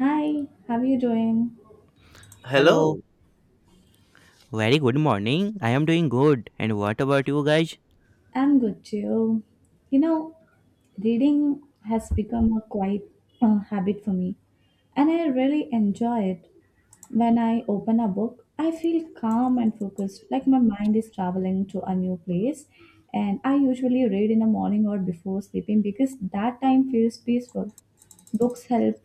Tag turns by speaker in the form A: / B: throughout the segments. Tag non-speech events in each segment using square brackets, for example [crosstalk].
A: Hi, how are you doing?
B: Hello,
C: Hello.
B: very good morning. I am doing good. And what about you guys?
A: I'm good too. You know, reading has become a quite habit for me, and I really enjoy it. When I open a book, I feel calm and focused, like my mind is traveling to a new place. And I usually read in the morning or before sleeping because that time feels peaceful. Books help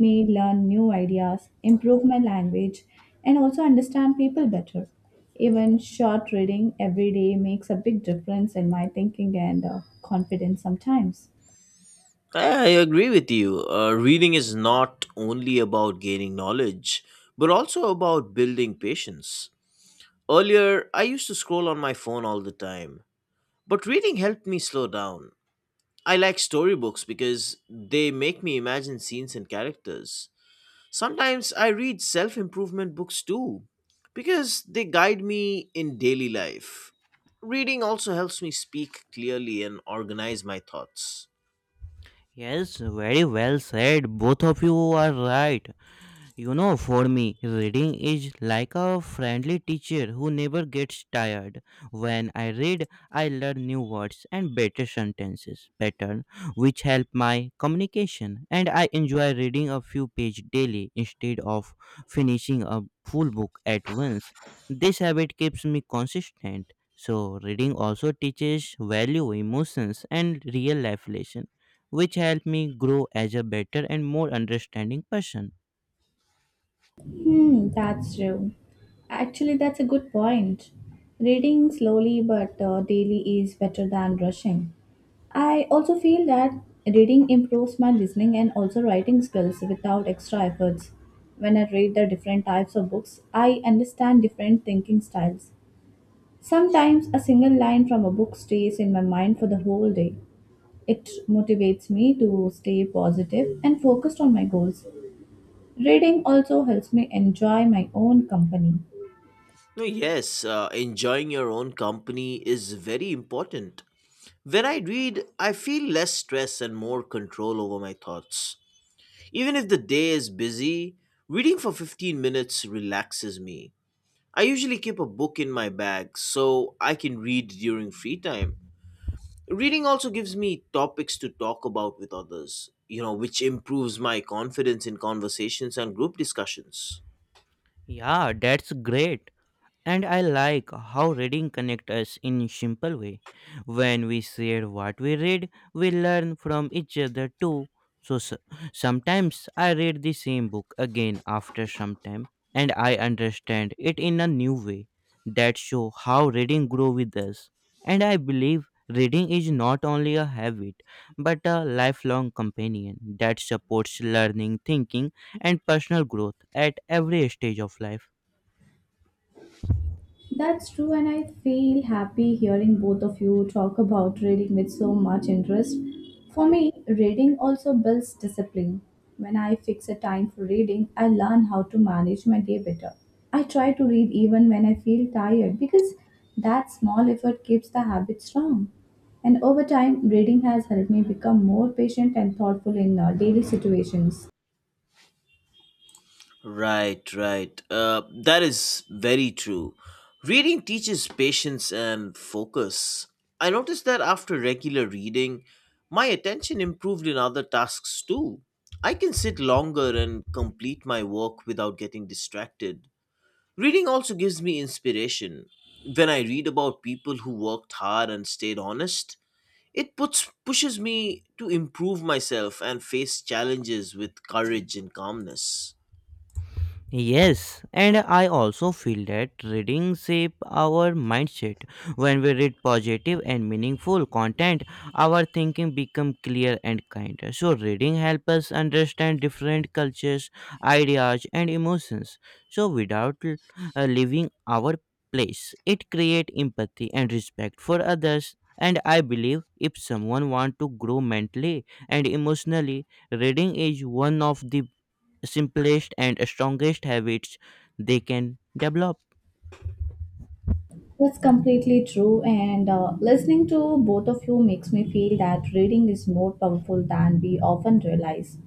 A: me learn new ideas, improve my language, and also understand people better. Even short reading every day makes a big difference in my thinking and confidence sometimes.
C: I agree with you. Reading is not only about gaining knowledge, but also about building patience. Earlier, I used to scroll on my phone all the time, but reading helped me slow down. I like storybooks because they make me imagine scenes and characters. Sometimes I read self improvement books too, because they guide me in daily life. Reading also helps me speak clearly and organize my thoughts.
B: Yes, very well said. Both of you are right. You know, for me, reading is like a friendly teacher who never gets tired. When I read, I learn new words and better sentences pattern, which help my communication. And I enjoy reading a few pages daily instead of finishing a full book at once. This habit keeps me consistent. So, reading also teaches value, emotions, and real life lesson, which help me grow as a better and more understanding person.
A: Hmm, that's true. Actually, that's a good point. Reading slowly but daily is better than rushing. I also feel that reading improves my listening and also writing skills without extra efforts. When I read the different types of books, I understand different thinking styles. Sometimes a single line from a book stays in my mind for the whole day. It motivates me to stay positive and focused on my goals. Reading also helps me enjoy my own company.
C: No, yes, enjoying your own company is very important. When I read, I feel less stress and more control over my thoughts. Even if the day is busy, reading for 15 minutes relaxes me. I usually keep a book in my bag so I can read during free time. Reading also gives me topics to talk about with others, you know, which improves my confidence in conversations and group discussions.
B: Yeah, that's great. And I like how reading connects us in simple way. When we share what we read, we learn from each other too. So s- Sometimes I read the same book again after some time and I understand it in a new way. That show how reading grow with us. And I believe reading is not only a habit but a lifelong companion that supports learning, thinking and personal growth at every stage of life.
A: That's true, and I feel happy hearing both of you talk about reading with so much interest. For me, reading also builds discipline. When I fix a time for reading, I learn how to manage my day better. I try to read even when I feel tired because that small effort keeps the habit strong. And over time, reading has helped me become more patient and thoughtful in daily situations.
C: Right, right. That is very true. Reading teaches patience and focus. I noticed that after regular reading, my attention improved in other tasks too. I can sit longer and complete my work without getting distracted. Reading also gives me inspiration. When I read about people who worked hard and stayed honest, it puts pushes me to improve myself and face challenges with courage and calmness.
B: Yes, and I also feel that reading shape our mindset. When we read positive and meaningful content, our thinking become clear and kinder. So reading helps us understand different cultures, ideas and emotions. So without leaving our place, it create empathy and respect for others. And I believe if someone want to grow mentally and emotionally, reading is one of the simplest and strongest habits they can develop.
A: That's completely true. And listening to both of you makes me feel that reading is more powerful than we often realize.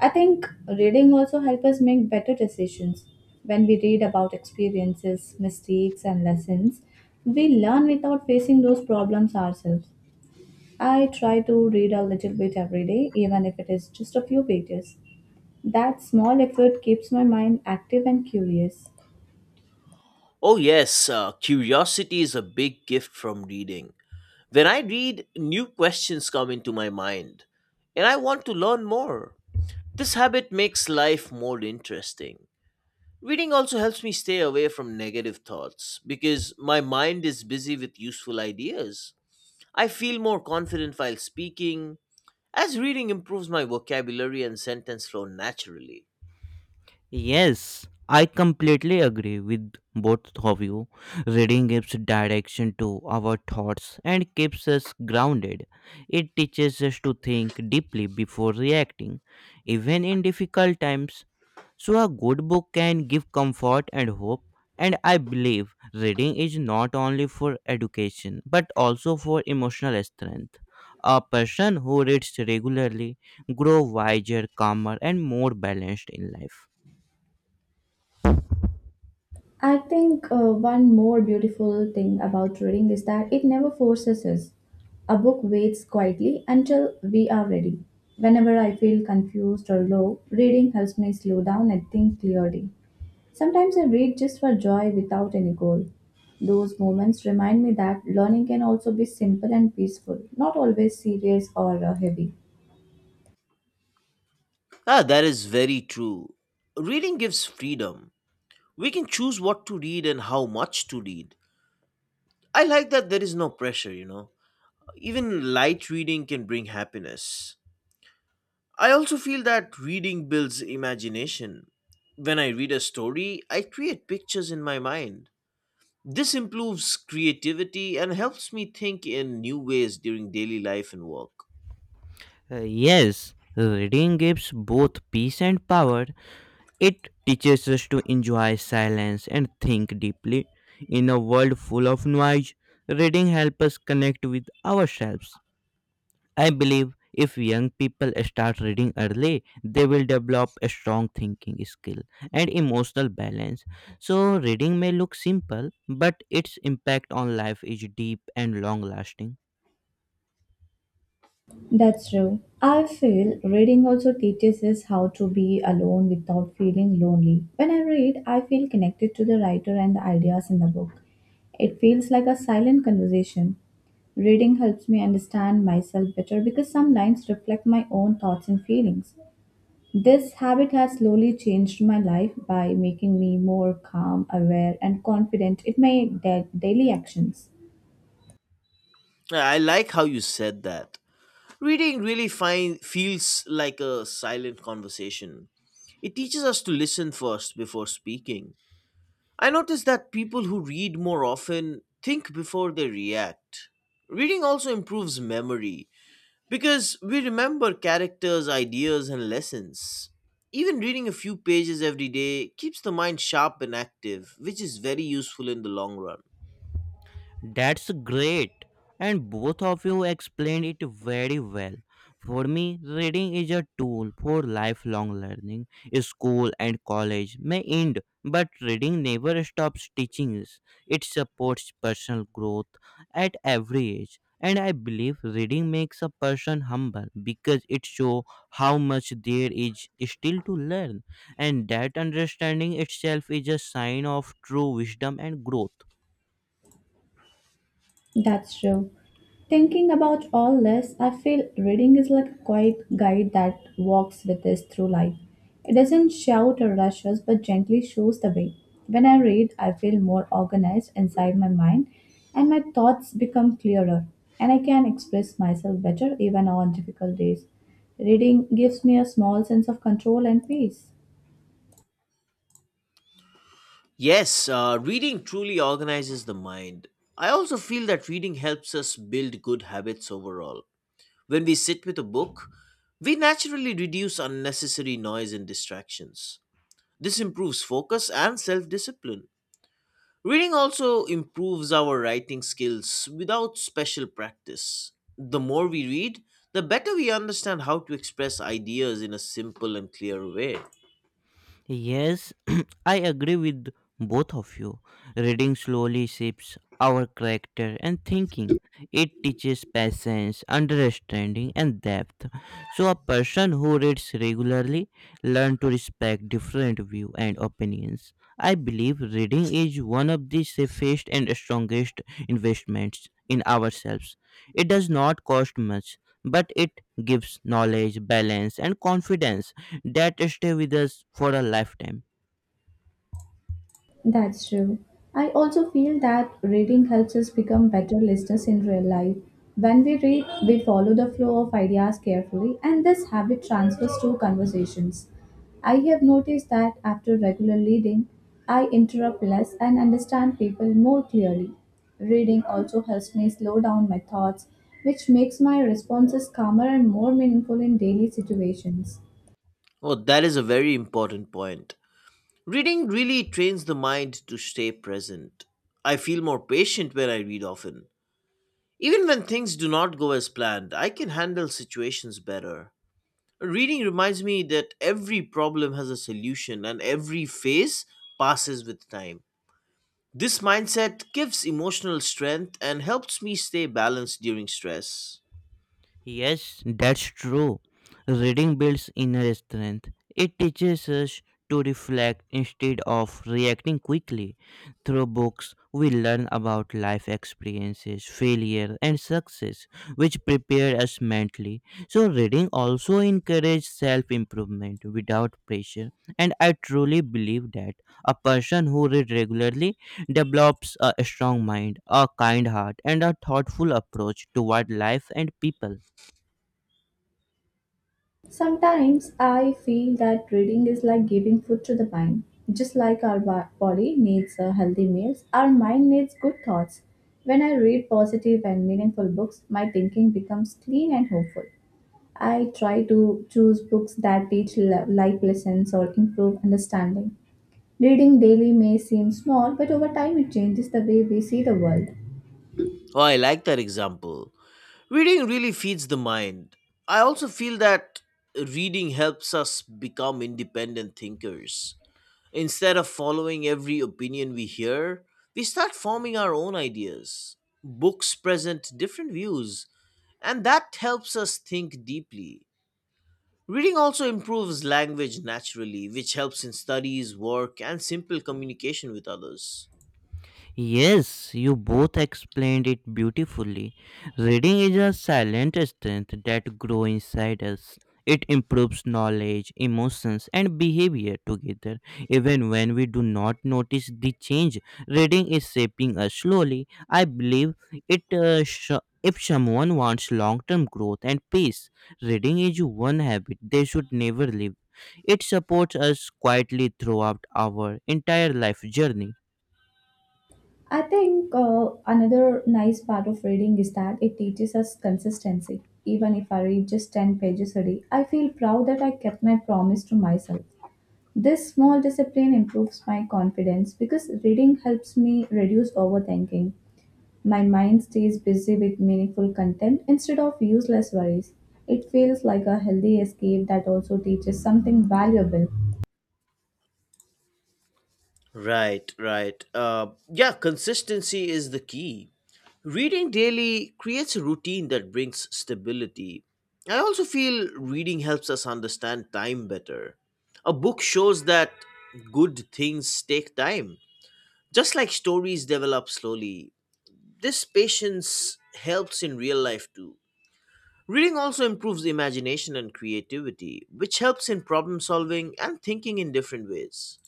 A: I think reading also helps us make better decisions. When we read about experiences, mistakes, and lessons, we learn without facing those problems ourselves. I try to read a little bit every day, even if it is just a few pages. That small effort keeps my mind active and curious.
C: Oh, yes, curiosity is a big gift from reading. When I read, new questions come into my mind, and I want to learn more. This habit makes life more interesting. Reading also helps me stay away from negative thoughts because my mind is busy with useful ideas. I feel more confident while speaking, as reading improves my vocabulary and sentence flow naturally.
B: Yes, I completely agree with both of you. Reading gives direction to our thoughts and keeps us grounded. It teaches us to think deeply before reacting. Even in difficult times, so a good book can give comfort and hope, and I believe reading is not only for education but also for emotional strength. A person who reads regularly grows wiser, calmer, and more balanced in life.
A: I think one more beautiful thing about reading is that it never forces us. A book waits quietly until we are ready. Whenever I feel confused or low, reading helps me slow down and think clearly. Sometimes I read just for joy without any goal. Those moments remind me that learning can also be simple and peaceful, not always serious or heavy.
C: Ah, that is very true. Reading gives freedom we can choose what to read and how much to read. I like that there is no pressure, you know. Even light reading can bring happiness. I also feel that reading builds imagination. When I read a story, I create pictures in my mind. This improves creativity and helps me think in new ways during daily life and work.
B: Yes, reading gives both peace and power. It teaches us to enjoy silence and think deeply. In a world full of noise, reading helps us connect with ourselves. I believe if young people start reading early, they will develop a strong thinking skill and emotional balance. So, reading may look simple, but its impact on life is deep and long lasting.
A: That's true. I feel reading also teaches us how to be alone without feeling lonely. When I read, I feel connected to the writer and the ideas in the book. It feels like a silent conversation. Reading helps me understand myself better because some lines reflect my own thoughts and feelings. This habit has slowly changed my life by making me more calm, aware, and confident in my daily actions.
C: I like how you said that. Reading really feels like a silent conversation. It teaches us to listen first before speaking. I notice that people who read more often think before they react. Reading also improves memory because we remember characters, ideas, and lessons. Even reading a few pages every day keeps the mind sharp and active, which is very useful in the long run.
B: That's great. And both of you explained it very well. For me, reading is a tool for lifelong learning. School and college may end, but reading never stops teaching us. It supports personal growth at every age. And I believe reading makes a person humble because it shows how much there is still to learn. And that understanding itself is a sign of true wisdom and growth.
A: That's true. Thinking about all this, I feel reading is like a quiet guide that walks with us through life. It doesn't shout or rush us, but gently shows the way. When I read, I feel more organized inside my mind, and my thoughts become clearer, and I can express myself better even on difficult days. Reading gives me a small sense of control and peace.
C: Yes, reading truly organizes the mind. I also feel that reading helps us build good habits overall. When we sit with a book, we naturally reduce unnecessary noise and distractions. This improves focus and self discipline. Reading also improves our writing skills without special practice. The more we read, the better we understand how to express ideas in a simple and clear way.
B: Yes, [clears throat] I agree with both of you. Reading slowly shapes our character and thinking. It teaches patience, understanding, and depth. So, a person who reads regularly learns to respect different views and opinions. I believe reading is one of the safest and strongest investments in ourselves. It does not cost much, but it gives knowledge, balance, and confidence that stay with us for a lifetime.
A: That's true. I also feel that reading helps us become better listeners in real life. When we read, we follow the flow of ideas carefully, and this habit transfers to conversations. I have noticed that after regular reading, I interrupt less and understand people more clearly. Reading also helps me slow down my thoughts, which makes my responses calmer and more meaningful in daily situations.
C: Oh, that is a very important point. Reading really trains the mind to stay present. I feel more patient when I read often. Even when things do not go as planned, I can handle situations better. Reading reminds me that every problem has a solution and every phase passes with time. This mindset gives emotional strength and helps me stay balanced during stress.
B: Yes, that's true. Reading builds inner strength. It teaches us to reflect instead of reacting quickly. Through books, we learn about life experiences, failure, and success, which prepare us mentally. So, reading also encourages self improvement without pressure, and I truly believe that a person who reads regularly develops a strong mind, a kind heart, and a thoughtful approach toward life and people.
A: Sometimes I feel that reading is like giving food to the mind. Just like our body needs healthy meals, our mind needs good thoughts. When I read positive and meaningful books, my thinking becomes clean and hopeful. I try to choose books that teach life lessons or improve understanding. Reading daily may seem small, but over time it changes the way we see the world.
C: Oh, I like that example. Reading really feeds the mind. I also feel that reading helps us become independent thinkers. Instead of following every opinion we hear, we start forming our own ideas. Books present different views, and that helps us think deeply. Reading also improves language naturally, which helps in studies, work, and simple communication with others.
B: Yes, you both explained it beautifully. Reading is a silent strength that grows inside us. It improves knowledge, emotions, and behavior together. Even when we do not notice the change, reading is shaping us slowly. I believe it. Sh- If someone wants long-term growth and peace, reading is one habit they should never leave. It supports us quietly throughout our entire life journey.
A: I think another nice part of reading is that it teaches us consistency. Even if I read just 10 pages a day, I feel proud that I kept my promise to myself. This small discipline improves my confidence because reading helps me reduce overthinking. My mind stays busy with meaningful content instead of useless worries. It feels like a healthy escape that also teaches something valuable.
C: Right, right. Yeah, consistency is the key. Reading daily creates a routine that brings stability. I also feel reading helps us understand time better. A book shows that good things take time. Just like stories develop slowly, this patience helps in real life too. Reading also improves imagination and creativity, which helps in problem solving and thinking in different ways.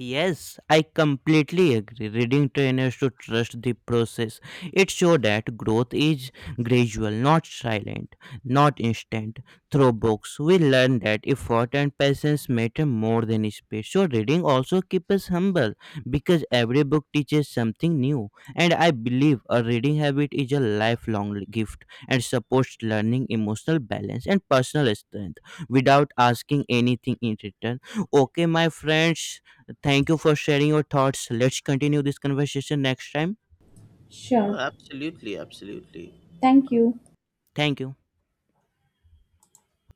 B: Yes, I completely agree. Reading trainers to trust the process. It shows that growth is gradual, not silent, not instant. Through books, we learn that effort and patience matter more than speed. So reading also keeps us humble because every book teaches something new. And I believe a reading habit is a lifelong gift and supports learning, emotional balance, and personal strength without asking anything in return. Okay, my friends, thank you for sharing your thoughts. Let's continue this conversation next time.
C: Well,
A: Sure.
C: absolutely, absolutely.
A: Thank you.
B: Thank you.